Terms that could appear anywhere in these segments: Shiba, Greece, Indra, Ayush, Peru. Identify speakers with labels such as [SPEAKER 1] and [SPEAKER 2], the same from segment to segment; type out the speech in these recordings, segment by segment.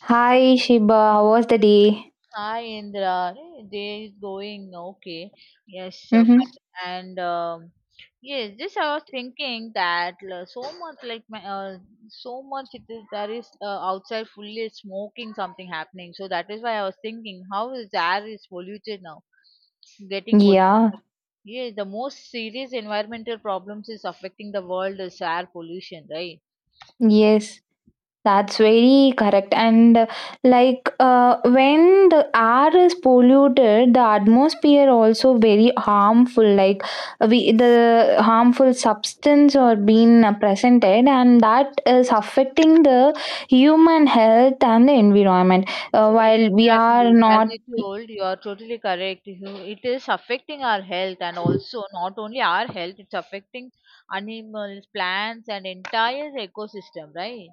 [SPEAKER 1] Hi Shiba, how was the day?
[SPEAKER 2] Hi Indra, Hey, day is going okay. Yes,
[SPEAKER 1] Mm-hmm.
[SPEAKER 2] fine. And yes, just I was thinking that so much like my so much it is there is outside fully smoking something happening. So that is why I was thinking how is the air is polluted now, getting polluted.
[SPEAKER 1] Yeah,
[SPEAKER 2] Yes, the most serious environmental problems is affecting the world is air pollution, right?
[SPEAKER 1] yes, that's very correct. And like when the air is polluted, the atmosphere also very harmful. Like we the harmful substance are being presented, and that is affecting the human health and the environment. While we are
[SPEAKER 2] Exactly. As
[SPEAKER 1] not.
[SPEAKER 2] you told, you are totally correct. It is affecting our health and also not only our health, it's affecting animals, plants, and entire ecosystem, right?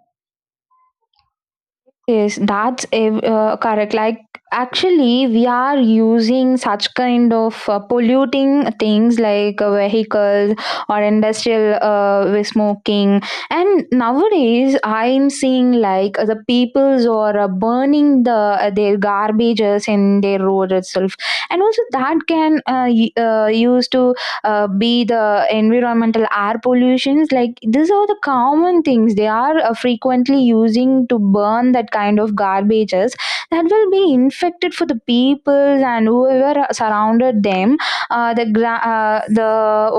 [SPEAKER 1] Yes, that's correct. Like, actually, we are using such kind of polluting things like vehicles or industrial with smoking. And nowadays, I'm seeing like the peoples are burning the their garbages in their road itself, and also that can used to be the environmental air pollutions like these are the common things they are frequently using to burn that kind of garbages that will be infected for the people and whoever are surrounded them, the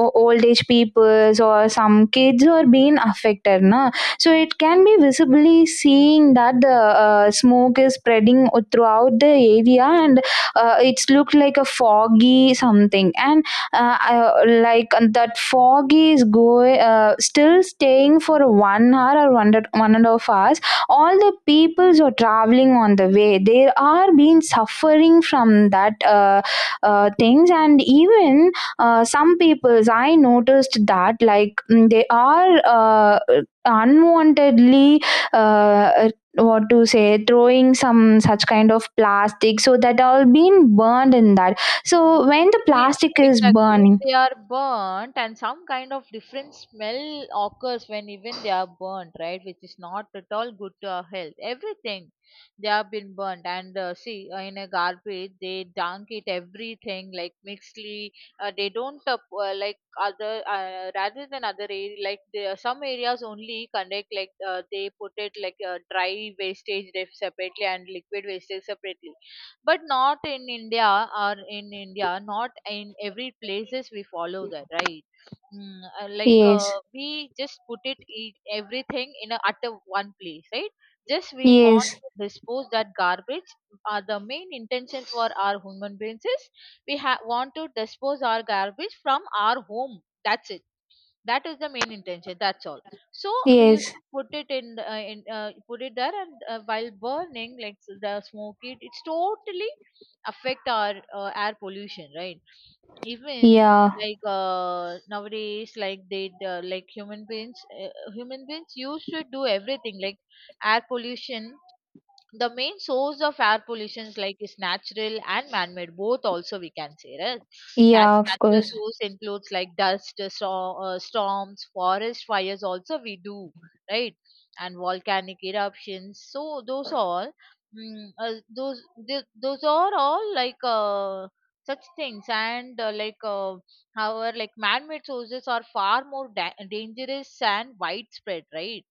[SPEAKER 1] old age peoples or some kids are being affected, na? So it can be visibly seeing that the smoke is spreading throughout the area, and it's looked like a foggy something. And like that fog is going still staying for 1 hour or 1.5 hours. All the peoples are traveling on the way, they are being suffering from that things. And even some peoples I noticed that like they are uh, unwantedly, uh, what to say, throwing some such kind of plastic, so that all been burned in that. So when the
[SPEAKER 2] E-
[SPEAKER 1] plastic is
[SPEAKER 2] Exactly. If
[SPEAKER 1] burning,
[SPEAKER 2] they are burnt and some kind of different smell occurs when even they are burnt, right, which is not at all good to our health. Everything they have been burnt and see in a garbage they dunk it everything like mixedly. They don't like other rather than other area, like there are some areas only conduct like they put it like dry wastage they separately and liquid wastage separately, but not in India. Or in India not in every places we follow that, right? mm, uh, like uh,
[SPEAKER 1] yes,
[SPEAKER 2] we just put it everything in at a one place, right? Just we want
[SPEAKER 1] yes,
[SPEAKER 2] to dispose that garbage. The main intention for our human beings is we want to dispose our garbage from our home. That's it. That is the main intention. That's all. So we used
[SPEAKER 1] yes,
[SPEAKER 2] to put it in put it there. And while burning like the smoke it's totally affect our air pollution, right? Even
[SPEAKER 1] yeah,
[SPEAKER 2] like nowadays like they like human beings used to do everything like air pollution. The main source of air pollution like is natural and man-made, both also we can say, right?
[SPEAKER 1] yeah, of
[SPEAKER 2] Natural
[SPEAKER 1] course,
[SPEAKER 2] source includes like storms, forest fires also we do, right? And volcanic eruptions, so those all, those are all like such things. And however like man-made sources are far more dangerous and widespread, right?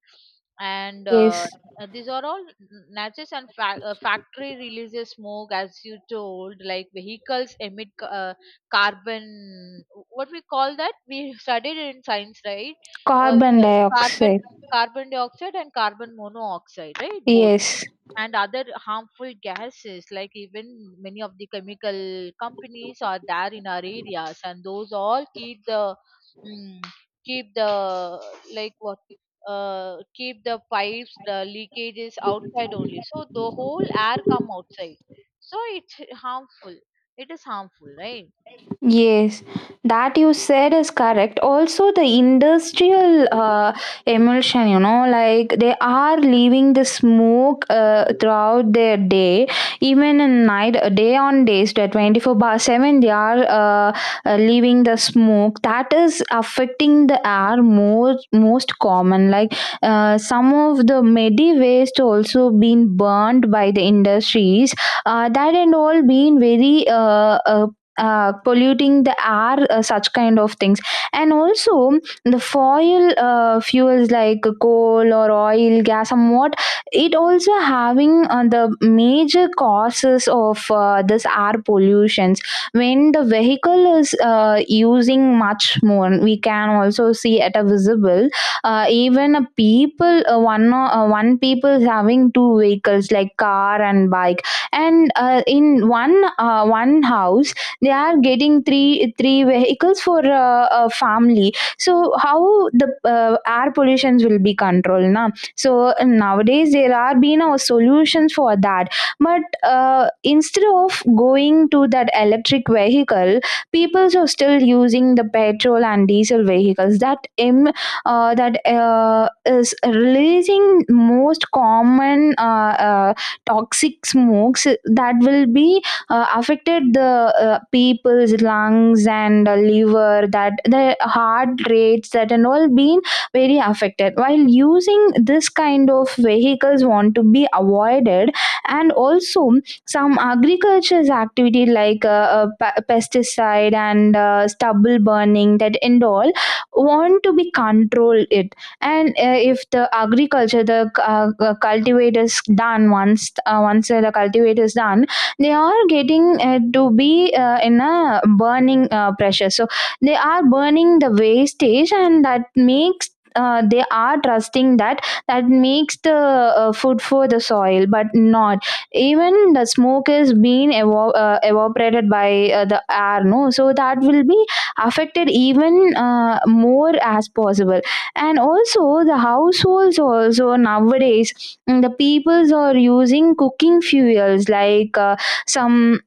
[SPEAKER 2] And
[SPEAKER 1] yes.
[SPEAKER 2] these are all nature's and factory releases smoke, as you told, like vehicles emit carbon, what we call that we studied in science, right? uh,
[SPEAKER 1] Carbon
[SPEAKER 2] the carbon
[SPEAKER 1] dioxide,
[SPEAKER 2] carbon dioxide and carbon monoxide, right? Both.
[SPEAKER 1] yes.
[SPEAKER 2] And other harmful gases, like even many of the chemical companies are there in our areas, and those all keep the mm, keep the like what keep the pipes, the leakages outside only, so the whole air come outside. So it's harmful. It is harmful, right?
[SPEAKER 1] Yes, that you said is correct. Also, the industrial emulsion, you know, like they are leaving the smoke throughout their day, even in night, day on days, that 24 bar 7, they are leaving the smoke. That is affecting the air more, most common. Like some of the medi waste also been burned by the industries, that and all being very uh, polluting the air, such kind of things. And also the foil fuels like coal or oil gas somewhat, it also having the major causes of this air pollutions. When the vehicle is using much more, we can also see at a visible, even a people, one people having two vehicles like car and bike, and in one house they are getting three vehicles for a family. So how the air pollutions will be controlled now? So nowadays there are been solutions for that, but instead of going to that electric vehicle, people are still using the petrol and diesel vehicles, that is releasing most common toxic smokes that will be affected the people's lungs and liver, that the heart rates, that and all been very affected. While using this kind of vehicles want to be avoided, and also some agriculture's activity like pesticide and stubble burning, that and all want to be controlled it. And if the agriculture the cultivators done once the cultivators done, they are getting to be in a burning pressure, so they are burning the wastage, and that makes, they are trusting that, that makes the food for the soil. But not even the smoke is being evaporated by the air, no, so that will be affected even more as possible. And also the households also nowadays, the peoples are using cooking fuels like some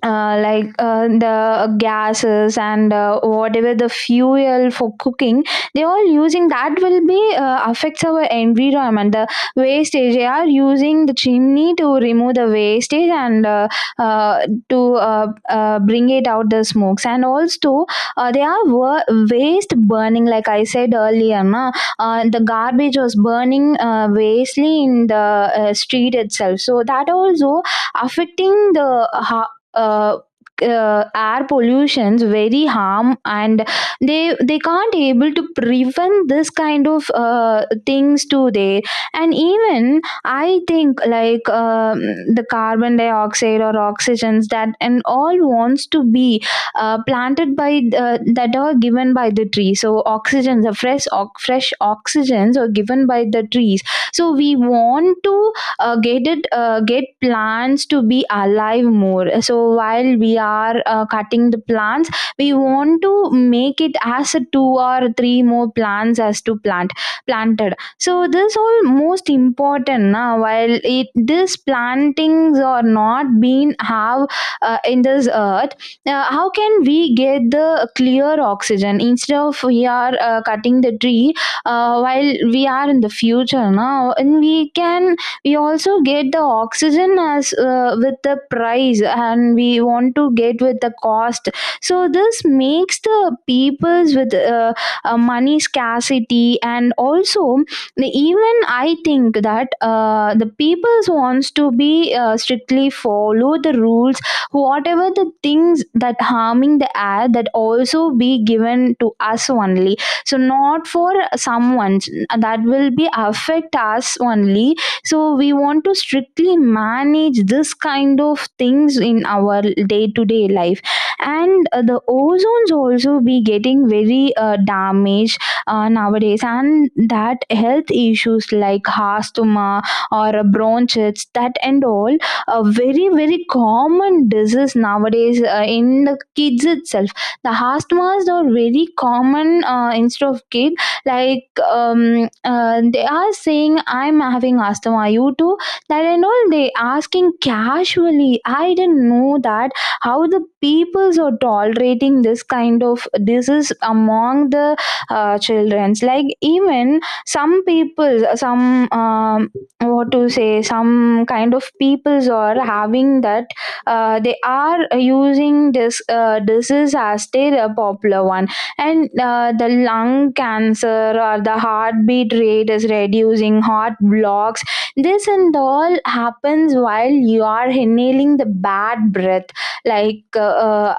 [SPEAKER 1] like the gases and whatever the fuel for cooking they all using, that will be affects our environment. The wastage, they are using the chimney to remove the wastage, and uh, to bring it out the smokes. And also they are waste burning, like I said earlier, na, the garbage was burning wastely in the street itself. So that also affecting the uh, uh, air pollutions very harm, and they can't able to prevent this kind of things to there. And even I think like the carbon dioxide or oxygens, that and all wants to be planted by the, that are given by the tree. So oxygens, the fresh oxygens are given by the trees. So we want to gated get plants to be alive more. So while we are cutting the plants, we want to make it as a two or three more plants as to plant planted. So this all most important now, while it this plantings are not being have in this earth, how can we get the clear oxygen, instead of we are cutting the tree? While we are in the future now, and we can, we also get the oxygen as with the price, and we want to get with the cost. So this makes the peoples with money scarcity. And also even I think that the peoples wants to be strictly follow the rules. Whatever the things that harming the air, that also be given to us only, so not for someone. That will be affect us only. So we want to strictly manage this kind of things in our day to day life. And the ozones also be getting very damaged nowadays, and that health issues like asthma or bronchitis, that and all a very very common disease nowadays in the kids itself. The asthmas are very common instead of kid. Like they are saying, "I'm having asthma, are you too?" That and all they asking casually. I didn't know that how the peoples are tolerating this kind of disease among the children's. Like even some people, some what to say, some kind of peoples are having that, they are using this disease as their popular one. And the lung cancer or the heartbeat rate is reducing, heart blocks, this and all happens while you are inhaling the bad breath. Like uh,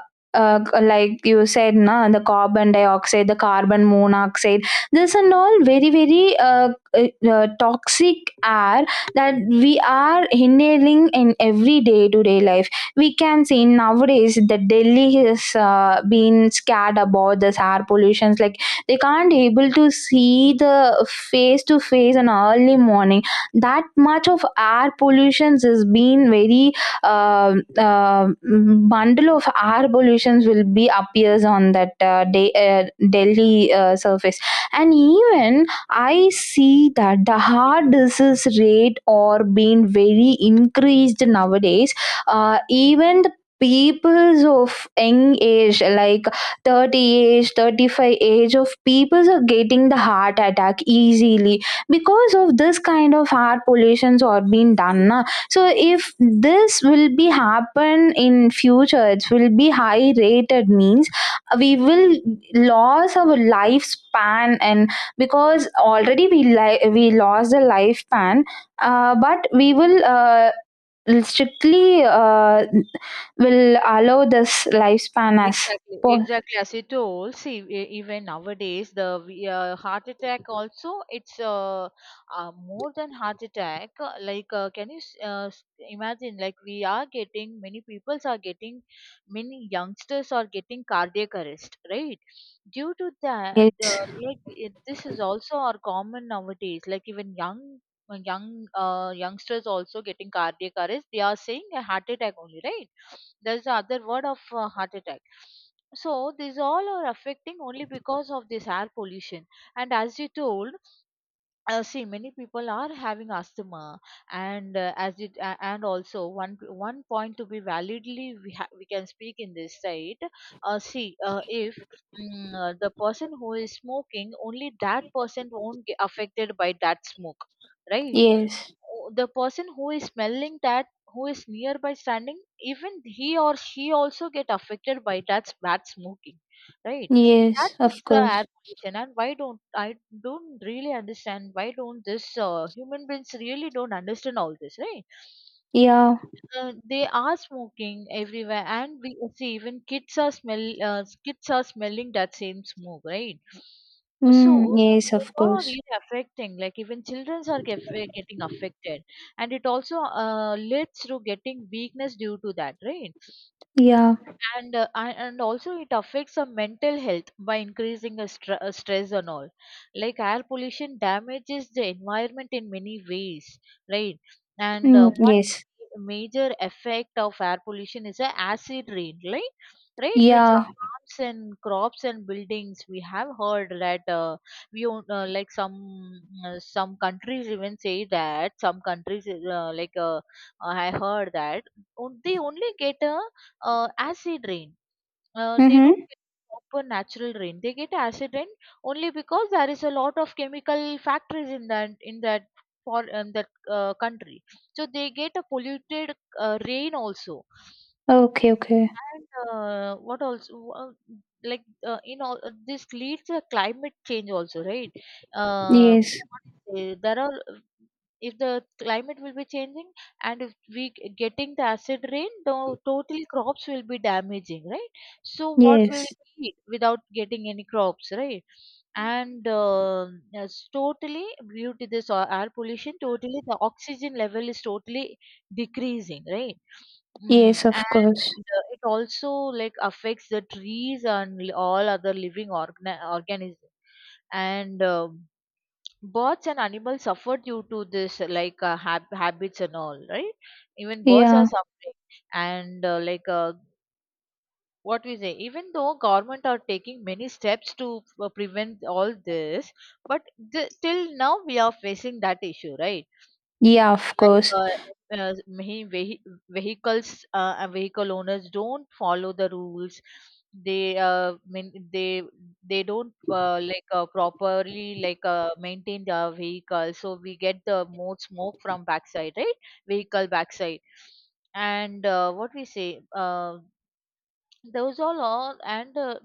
[SPEAKER 1] uh, uh, like you said, na, the carbon dioxide, the carbon monoxide, this and all very very toxic air that we are inhaling in every day to day life. We can see nowadays that Delhi is being scared about this air pollutions. Like they can't able to see the face to face in early morning. That much of air pollutions is being very uh, uh, bundle of air pollutions will be appears on that day, Delhi surface. And even I see that the heart disease rate are being very increased nowadays, even the peoples of young age like 30 age, 35 age of peoples are getting the heart attack easily because of this kind of air pollutions are being done, na. So if this will be happen in future, it will be high rated means we will lose our lifespan. And because already we lost the lifespan, but we will strictly will allow this lifespan as
[SPEAKER 2] Exactly,
[SPEAKER 1] possible.
[SPEAKER 2] exactly. As you told, see, even nowadays, heart attack also, it's more than heart attack. Like, can you imagine? Like, we are getting, many peoples are getting, many youngsters are getting cardiac arrest, right? Due to that,
[SPEAKER 1] Yes,
[SPEAKER 2] like this is also our common nowadays. Like, even youngsters also getting cardiac arrest. They are saying a heart attack only, right? That's the other word of heart attack. So these all are affecting only because of this air pollution. And as you told, see many people are having asthma, and as it and also one point to be validly we can speak in this side. See if the person who is smoking, only that person won't get affected by that smoke, right?
[SPEAKER 1] yes,
[SPEAKER 2] The person who is smelling that, who is nearby standing, even he or she also get affected by that bad smoking, right? That
[SPEAKER 1] yes, of
[SPEAKER 2] is the air
[SPEAKER 1] course,
[SPEAKER 2] pollution. And why don't I don't really understand, why don't this human beings really don't understand all this, right?
[SPEAKER 1] yeah.
[SPEAKER 2] They are smoking everywhere, and we see even kids are smell. Kids are smelling that same smoke, right? So
[SPEAKER 1] Mm, yes, of
[SPEAKER 2] those all are
[SPEAKER 1] course,
[SPEAKER 2] really affecting. Like even childrens are getting affected, and it also leads to getting weakness due to that, right?
[SPEAKER 1] yeah.
[SPEAKER 2] And also, it affects our mental health by increasing a stress and all, like air pollution damages the environment in many ways, right? And
[SPEAKER 1] Mm,
[SPEAKER 2] one
[SPEAKER 1] yes,
[SPEAKER 2] major effect of air pollution is a acid rain, right, which
[SPEAKER 1] yeah.
[SPEAKER 2] harms and crops and buildings. We have heard that we own, like some countries even say that some countries uh, like uh, I heard that they only get a acid rain. They
[SPEAKER 1] Mm-hmm.
[SPEAKER 2] don't get proper natural rain. They get acid rain only because there is a lot of chemical factories in that country. So they get a polluted rain also.
[SPEAKER 1] Okay, okay.
[SPEAKER 2] And what also, like, this leads to climate change also, right? Uh,
[SPEAKER 1] Yes,
[SPEAKER 2] what is there are, if the climate will be changing, and if getting the acid rain, the totally crops will be damaging, right? So what we
[SPEAKER 1] yes,
[SPEAKER 2] will eat without getting any crops, right? and yes, totally due to this air pollution, totally the oxygen level is totally decreasing, right? Mm.
[SPEAKER 1] yes, of course,
[SPEAKER 2] The it also like affects the trees and all other living organisms. And um birds and animals suffer due to this habits and all, right? Even birds are
[SPEAKER 1] yeah.
[SPEAKER 2] suffering. And what we say, even though government are taking many steps to prevent all this, but till now we are facing that issue, right?
[SPEAKER 1] Yeah, of
[SPEAKER 2] like
[SPEAKER 1] course,
[SPEAKER 2] uh, uh, many vehi- vehicles and vehicle owners don't follow the rules. They uh, mean they they don't properly maintain the vehicle, so we get the more smoke from backside, right? Vehicle backside. And what we say, those all are and uh,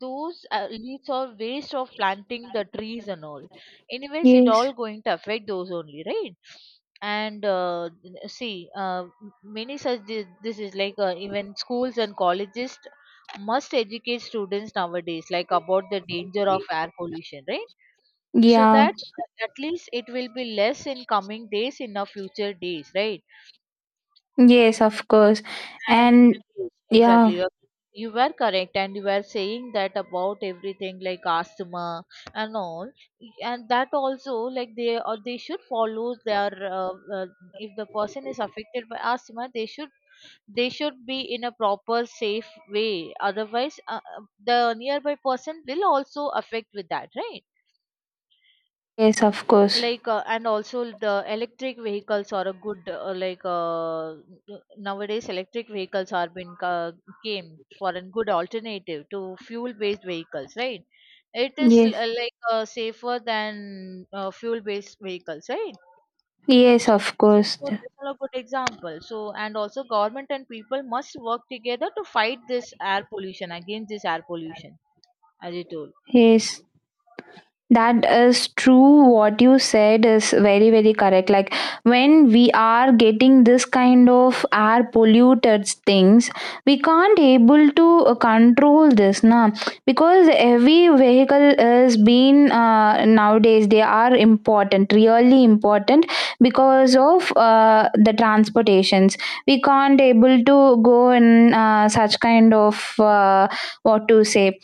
[SPEAKER 2] those leaves are waste of planting the trees and all. Anyways, it
[SPEAKER 1] yes,
[SPEAKER 2] all going to affect those only, right? See this is like even schools and colleges must educate students nowadays like about the danger of air pollution, right? So
[SPEAKER 1] yeah.
[SPEAKER 2] that at least it will be less in coming days, in our future days, right?
[SPEAKER 1] Yes, of course,
[SPEAKER 2] And
[SPEAKER 1] and
[SPEAKER 2] yes,
[SPEAKER 1] yeah,
[SPEAKER 2] exactly, you were correct, and you were saying that about everything like asthma and all, and that also, like, they should follow their uh, uh, if the person is affected by asthma, they should be in a proper safe way. Otherwise, the nearby person will also affect with that, right?
[SPEAKER 1] yes, of course,
[SPEAKER 2] Like, and also the electric vehicles are a good nowadays electric vehicles are been came for a good alternative to fuel based vehicles, right? It is
[SPEAKER 1] yes,
[SPEAKER 2] safer than fuel based vehicles, right?
[SPEAKER 1] yes,
[SPEAKER 2] so
[SPEAKER 1] of course,
[SPEAKER 2] so that's all a good example. And also government and people must work together to fight this air pollution, against this air pollution, as you told.
[SPEAKER 1] yes. That is true. What you said is very, very correct. Like when we are getting this kind of air polluted things, we can't able to control this, na? Because every vehicle is being nowadays they are important, really important because of the transportations. We can't able to go in such kind of what to say,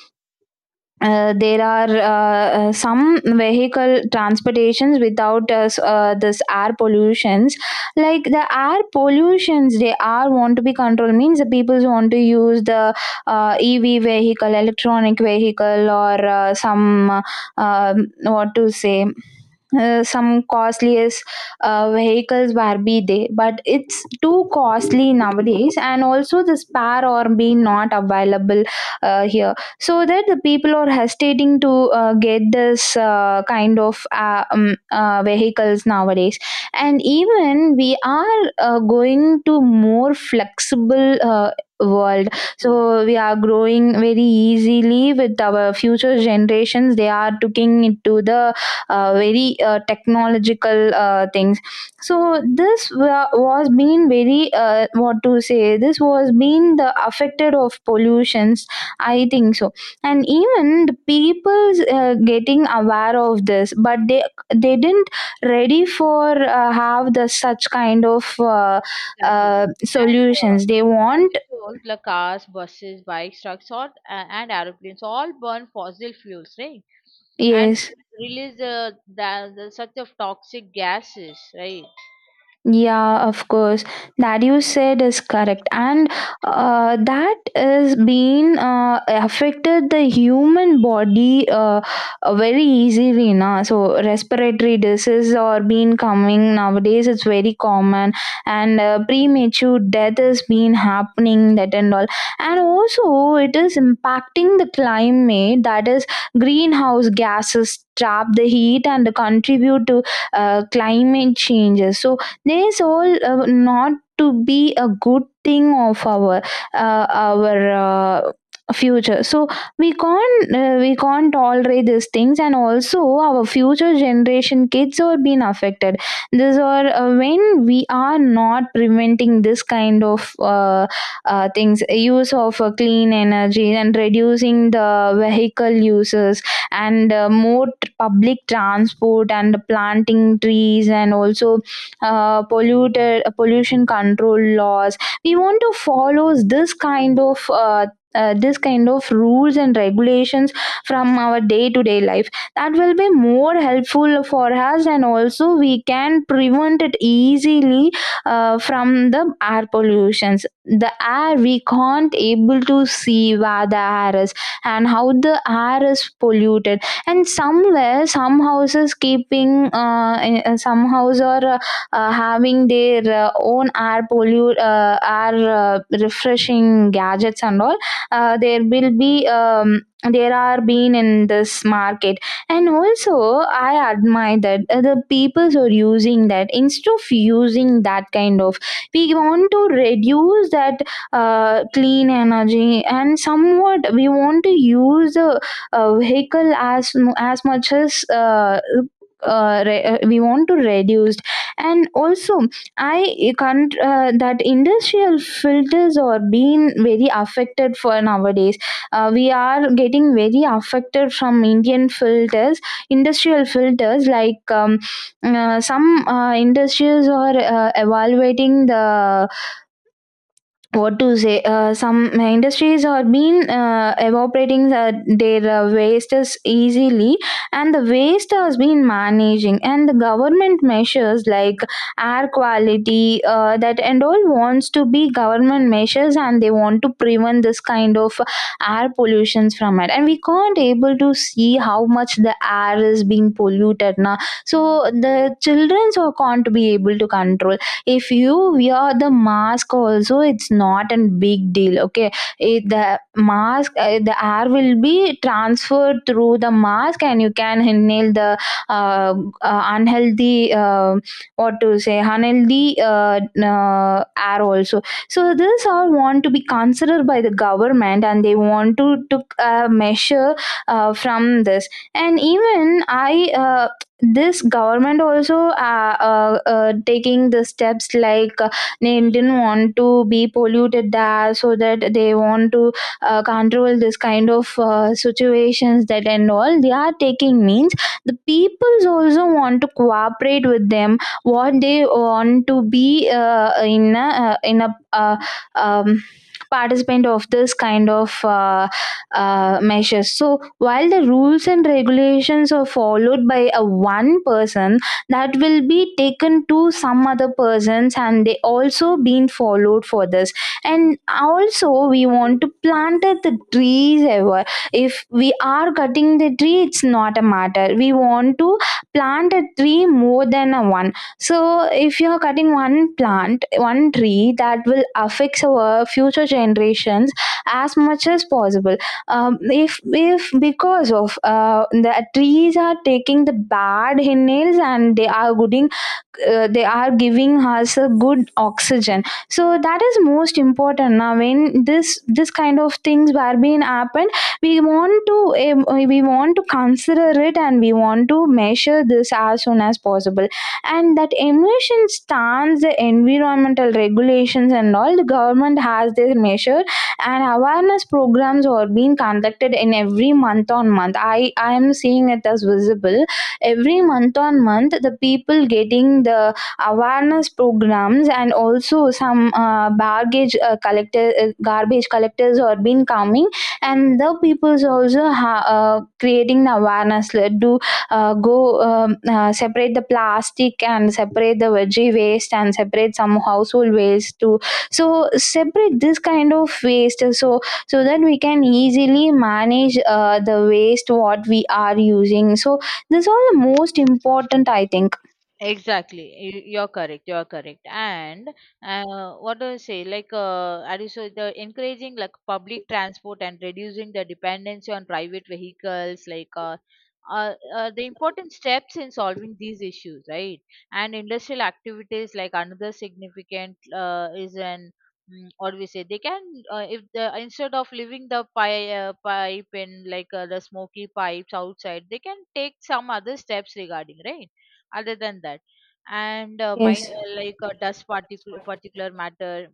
[SPEAKER 1] there are some vehicle transportations without us, this air pollutions. Like the air pollutions they are want to be controlled means the people want to use the ev vehicle electronic vehicle or some what to say some costliest vehicles were be there, but it's too costly nowadays, and also the spare or be not available here. So that the people are hesitating to get this kind of vehicles nowadays. And even we are going to more flexible world.
[SPEAKER 2] Exactly.
[SPEAKER 1] So we are growing very easily with our future generations. They are looking into the very technological things. So this was being very what to say, this was being the affected of pollutions, I think so. And even the people getting aware of this, but they didn't ready for have the such kind of
[SPEAKER 2] Exactly.
[SPEAKER 1] uh,
[SPEAKER 2] And
[SPEAKER 1] solutions they
[SPEAKER 2] yes, as
[SPEAKER 1] want.
[SPEAKER 2] you told, like cars, buses, bikes, trucks, or and aeroplanes all burn fossil fuels, right? And
[SPEAKER 1] Yes.
[SPEAKER 2] release the such of toxic gases, right?
[SPEAKER 1] Yeah, of course. That you said is correct. And that is being affected the human body very easily. Na? So, respiratory disease or being coming nowadays, it's very common. And premature death is being happening, that and all. And also, it is impacting the climate, that is, greenhouse gases trap the heat and contribute to climate changes. So, there is all not to be a good thing of our future. So we can't tolerate these things, and also our future generation kids are being affected. These are when we are not preventing this kind of things, use of clean energy and reducing the vehicle uses, and more public transport and planting trees, and also polluted pollution control laws. We want to follow this kind of rules and regulations from our day to day life, that will be more helpful for us, and also we can prevent it easily from the air pollutions. The air we can't able to see where the air is and how the air is polluted, and somewhere some houses keeping some houses are having their own air refreshing gadgets and all. There will be There are being in this market, and also I admire that the peoples are using that. Instead of using that kind of, we want to reduce that clean energy, and somewhat we want to use the vehicle as as much as we want to reduce. And also I can't that industrial filters are being very affected for nowadays. We are getting very affected from indian filters, industrial filters like some industries are evaluating the, what to say, some industries are been evaporating their wastes easily. And the waste has been managing, and the government measures like air quality that and all wants to be government measures, and they want to prevent this kind of air pollutions from it, and we can't able to see how much the air is being polluted now. So the children so can't be able to control. If you wear the mask also, it's not a big deal, okay? The mask, the air will be transferred through the mask, and you can inhale the uh, unhealthy, what to say, unhealthy air also. So this all want to be considered by the government, and they want to took a measure from this. And even I this government also taking the steps, like they didn't want to be polluted there, so that they want to control this kind of situations, that and all they are taking means. The peoples also want to cooperate with them, what they want to be in a um, participant of this kind of measures. So while the rules and regulations are followed by a one person, that will be taken to some other persons, and they also being followed for this. And also we want to plant the trees ever. If we are cutting the tree, it's not a matter, we want to plant a tree more than a one. So if you are cutting one, plant one tree, that will affect our future generations as much as possible. If because of the trees are taking the bad inhales, and they are gooding they are giving us a good oxygen. So that is most important now. When this kind of things were being happened, we want to we want to consider it, and we want to measure this as soon as possible. And that emission stands the environmental regulations and all. The government has their measures, and awareness programs are being conducted in every month on month. I am seeing it as visible every month on month, the people getting the awareness programs, and also some baggage collector garbage collectors are being coming. And the people's also creating the awareness, like do go, separate the plastic, and separate the veggie waste, and separate some household waste to. So separate this kind of waste so, so that we can easily manage the waste what we are using. So this all the most important, I think.
[SPEAKER 2] Exactly, you're correct. You're correct. And what do I say? Like, are you so the encouraging like public transport and reducing the dependency on private vehicles? Like, the important steps in solving these issues, right? And industrial activities, like, another significant is an, what we say they can, if the instead of leaving the pipe in like the smoky pipes outside, they can take some other steps regarding, right? Other than that. And mind,
[SPEAKER 1] Yes.
[SPEAKER 2] dust particle particular matter.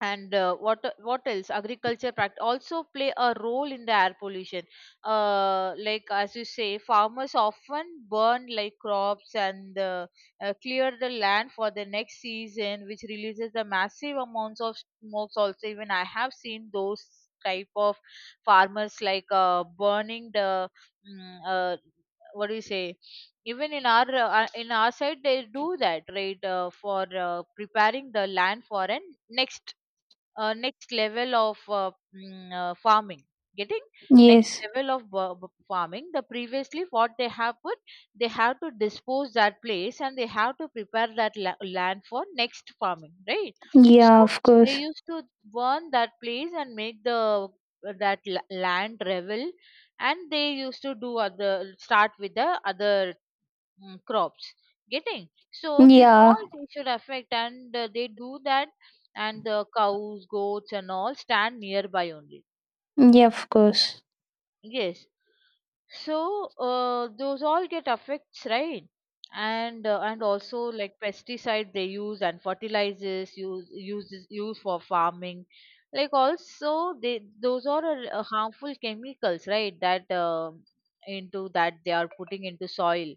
[SPEAKER 2] And what else, agriculture also play a role in the air pollution. Like, as you say, farmers often burn like crops and clear the land for the next season, which releases the massive amounts of smokes also. Even I have seen those type of farmers like burning the, mm, uh, what do you say, even in our side they do that, right? For preparing the land for an next next level of farming. Getting. Next
[SPEAKER 1] Yes.
[SPEAKER 2] level of farming. The previously what they have put, they have to dispose that place, and they have to prepare that land for next farming, right? So
[SPEAKER 1] Yeah, of
[SPEAKER 2] they
[SPEAKER 1] course.
[SPEAKER 2] used to burn that place and make the that land revel. And they used to do other, start with the other, crops. Getting. So this
[SPEAKER 1] Yeah.
[SPEAKER 2] all they should affect, and they do that. And the cows, goats and all stand nearby only,
[SPEAKER 1] Yeah, of course.
[SPEAKER 2] yes. So those all get affects, right? And also, like, pesticide they use and fertilizers use for farming, like, also they those are harmful chemicals, right? That, into that they are putting into soil.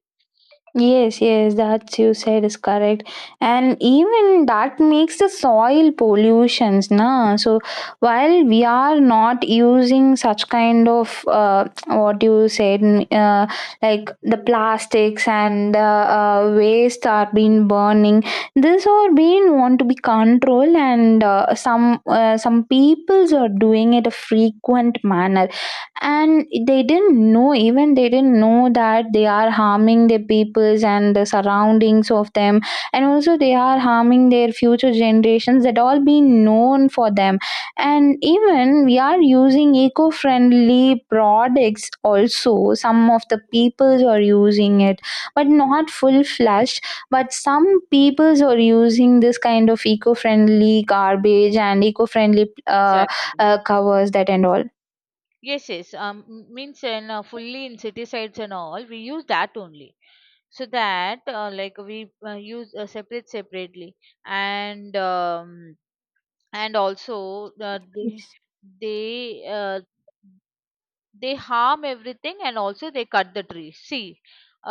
[SPEAKER 1] Yes, yes, that you said is correct. And even that makes the soil pollutions, na. So while we are not using such kind of what you said, like the plastics and waste are being burning. This are being want to be controlled, and some peoples are doing it a frequent manner, and they didn't know, even they didn't know that they are harming the peoples and the surroundings of them, and also they are harming their future generations, that all been known for them. And even we are using eco-friendly products also, some of the peoples are using it, but not full fledged. But some peoples are using this kind of eco-friendly garbage and eco-friendly
[SPEAKER 2] Exactly.
[SPEAKER 1] covers, that and all.
[SPEAKER 2] Yes, yes. Means in fully insecticides and all, we use that only. So that like we use separately, and and also they uh, they harm everything, and also they cut the trees, see.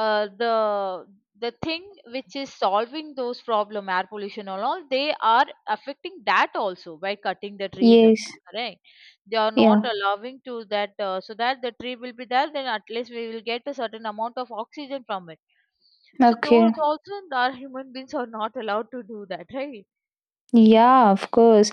[SPEAKER 2] Uh, the the thing which is solving those problem, air pollution and all, they are affecting that also, by cutting the trees and
[SPEAKER 1] Yes.
[SPEAKER 2] all, correct. They are not
[SPEAKER 1] Yeah.
[SPEAKER 2] allowing to that, so that the tree will be there, then at least we will get a certain amount of oxygen from it. So
[SPEAKER 1] Okay.
[SPEAKER 2] those also our human beings are not allowed to do that, right?
[SPEAKER 1] Yeah, of course.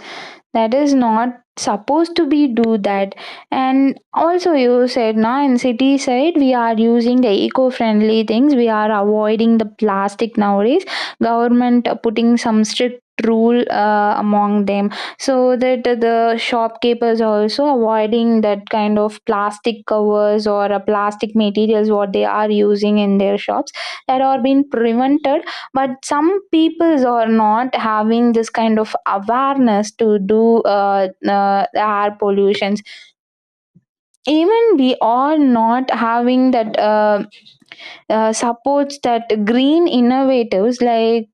[SPEAKER 1] That is not supposed to be do that. And also you said, now in city side we are using the eco-friendly things. We are avoiding the plastic nowadays. Government putting some strict rule among them, so that the shopkeepers also avoiding that kind of plastic covers or plastic materials what they are using in their shops, that are being prevented. But some peoples are not having this kind of awareness to do air pollutions. Even we are not having that supports, that green innovatives, like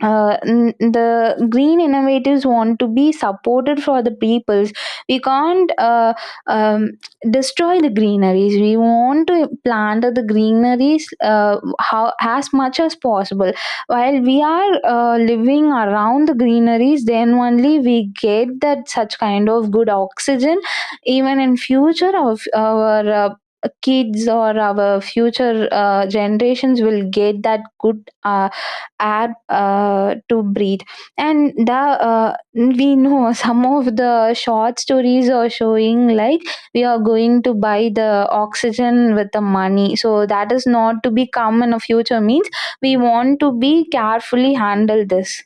[SPEAKER 1] the green innovators want to be supported for the peoples. We can't um, destroy the greeneries, we want to plant the greeneries how as much as possible. While we are living around the greeneries, then only we get that such kind of good oxygen. Even in future of our kids or our future generations will get that good air to breathe. And the we know some of the short stories are showing, like, we are going to buy the oxygen with the money. So that is not to be come in a future means. We want to be carefully handle this,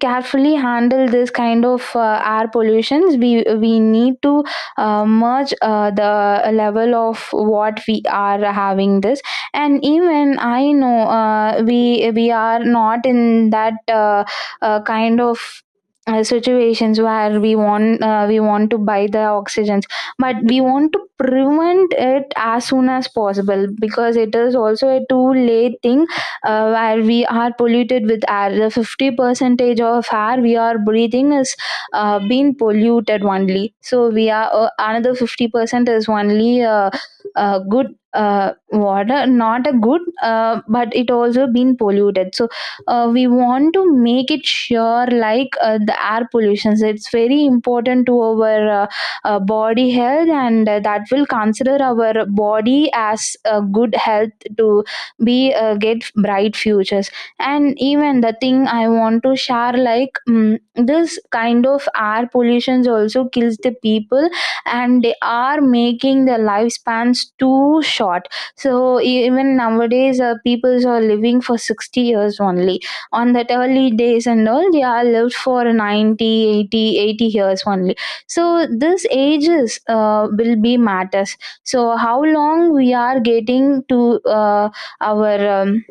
[SPEAKER 1] carefully handle this kind of air pollutions. We need to merge the level of what we are having this. And even I know we are not in that kind of situations where we want to buy the oxygens. But we want to prevent it as soon as possible, because it is also a too late thing where we are polluted with air. The 50 percentage of air we are breathing is being polluted only. So we are another 50% is only good water, not a good, but it also been polluted. So we want to make it sure, like, the air pollution. So it's very important to our body health, and that will consider our body as a good health to be get bright futures. And even the thing I want to share, like, this kind of air pollutions also kills the people, and they are making their lifespans too short. So even nowadays people are living for 60 years only. On that early days and all, they are lived for 90, 80, 80 years only. So this ages will be matters. So how long we are getting to our um,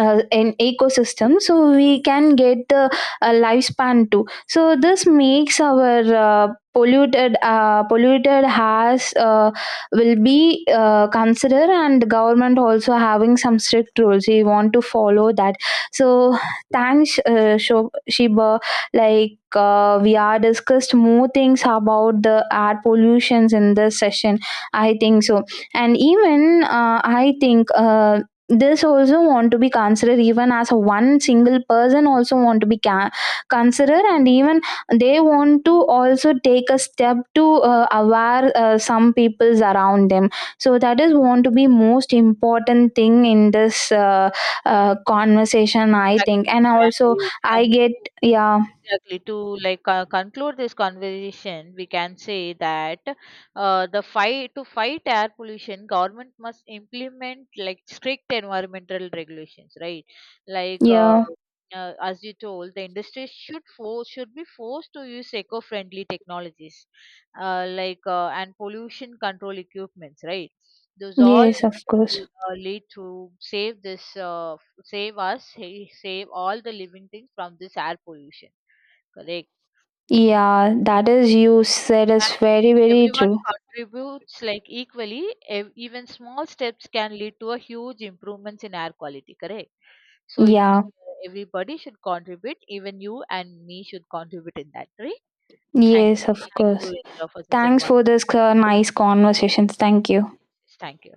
[SPEAKER 1] uh, in ecosystem, so we can get the lifespan too. So this makes our polluted has will be considered. And the government also having some strict rules, we want to follow that. So thanks, Shiba. Like, we are discussed more things about the air pollutions in this session, I think so. And even I think this also want to be considered, even as a one single person also want to be considered, and even they want to also take a step to aware some peoples around them. So that is want to be most important thing in this conversation, I
[SPEAKER 2] Exactly,
[SPEAKER 1] think, and
[SPEAKER 2] Indra and
[SPEAKER 1] also
[SPEAKER 2] Ayush.
[SPEAKER 1] I
[SPEAKER 2] And to,
[SPEAKER 1] get. Yeah.
[SPEAKER 2] exactly to conclude this conversation, we can say that the fight to fight air pollution, government must implement like strict environmental regulations, right? Like.
[SPEAKER 1] Yeah.
[SPEAKER 2] As you told, the industry should be forced to use eco-friendly technologies, and pollution control equipments, right? Those all
[SPEAKER 1] Yes, of course.
[SPEAKER 2] will lead to save us save all the living things from this air pollution, correct.
[SPEAKER 1] Yeah, that is you said is
[SPEAKER 2] And if
[SPEAKER 1] very very
[SPEAKER 2] everyone
[SPEAKER 1] true.
[SPEAKER 2] contributes like equally, even small steps can lead to a huge improvements in air quality, correct. So it
[SPEAKER 1] Yeah.
[SPEAKER 2] Everybody should contribute, even you and me should contribute in that, right? thank,
[SPEAKER 1] Yes, of
[SPEAKER 2] Thank you,
[SPEAKER 1] course.
[SPEAKER 2] Indra, for such an
[SPEAKER 1] Thanks for this
[SPEAKER 2] wonderful.
[SPEAKER 1] nice conversations. Thank you.
[SPEAKER 2] Thank you.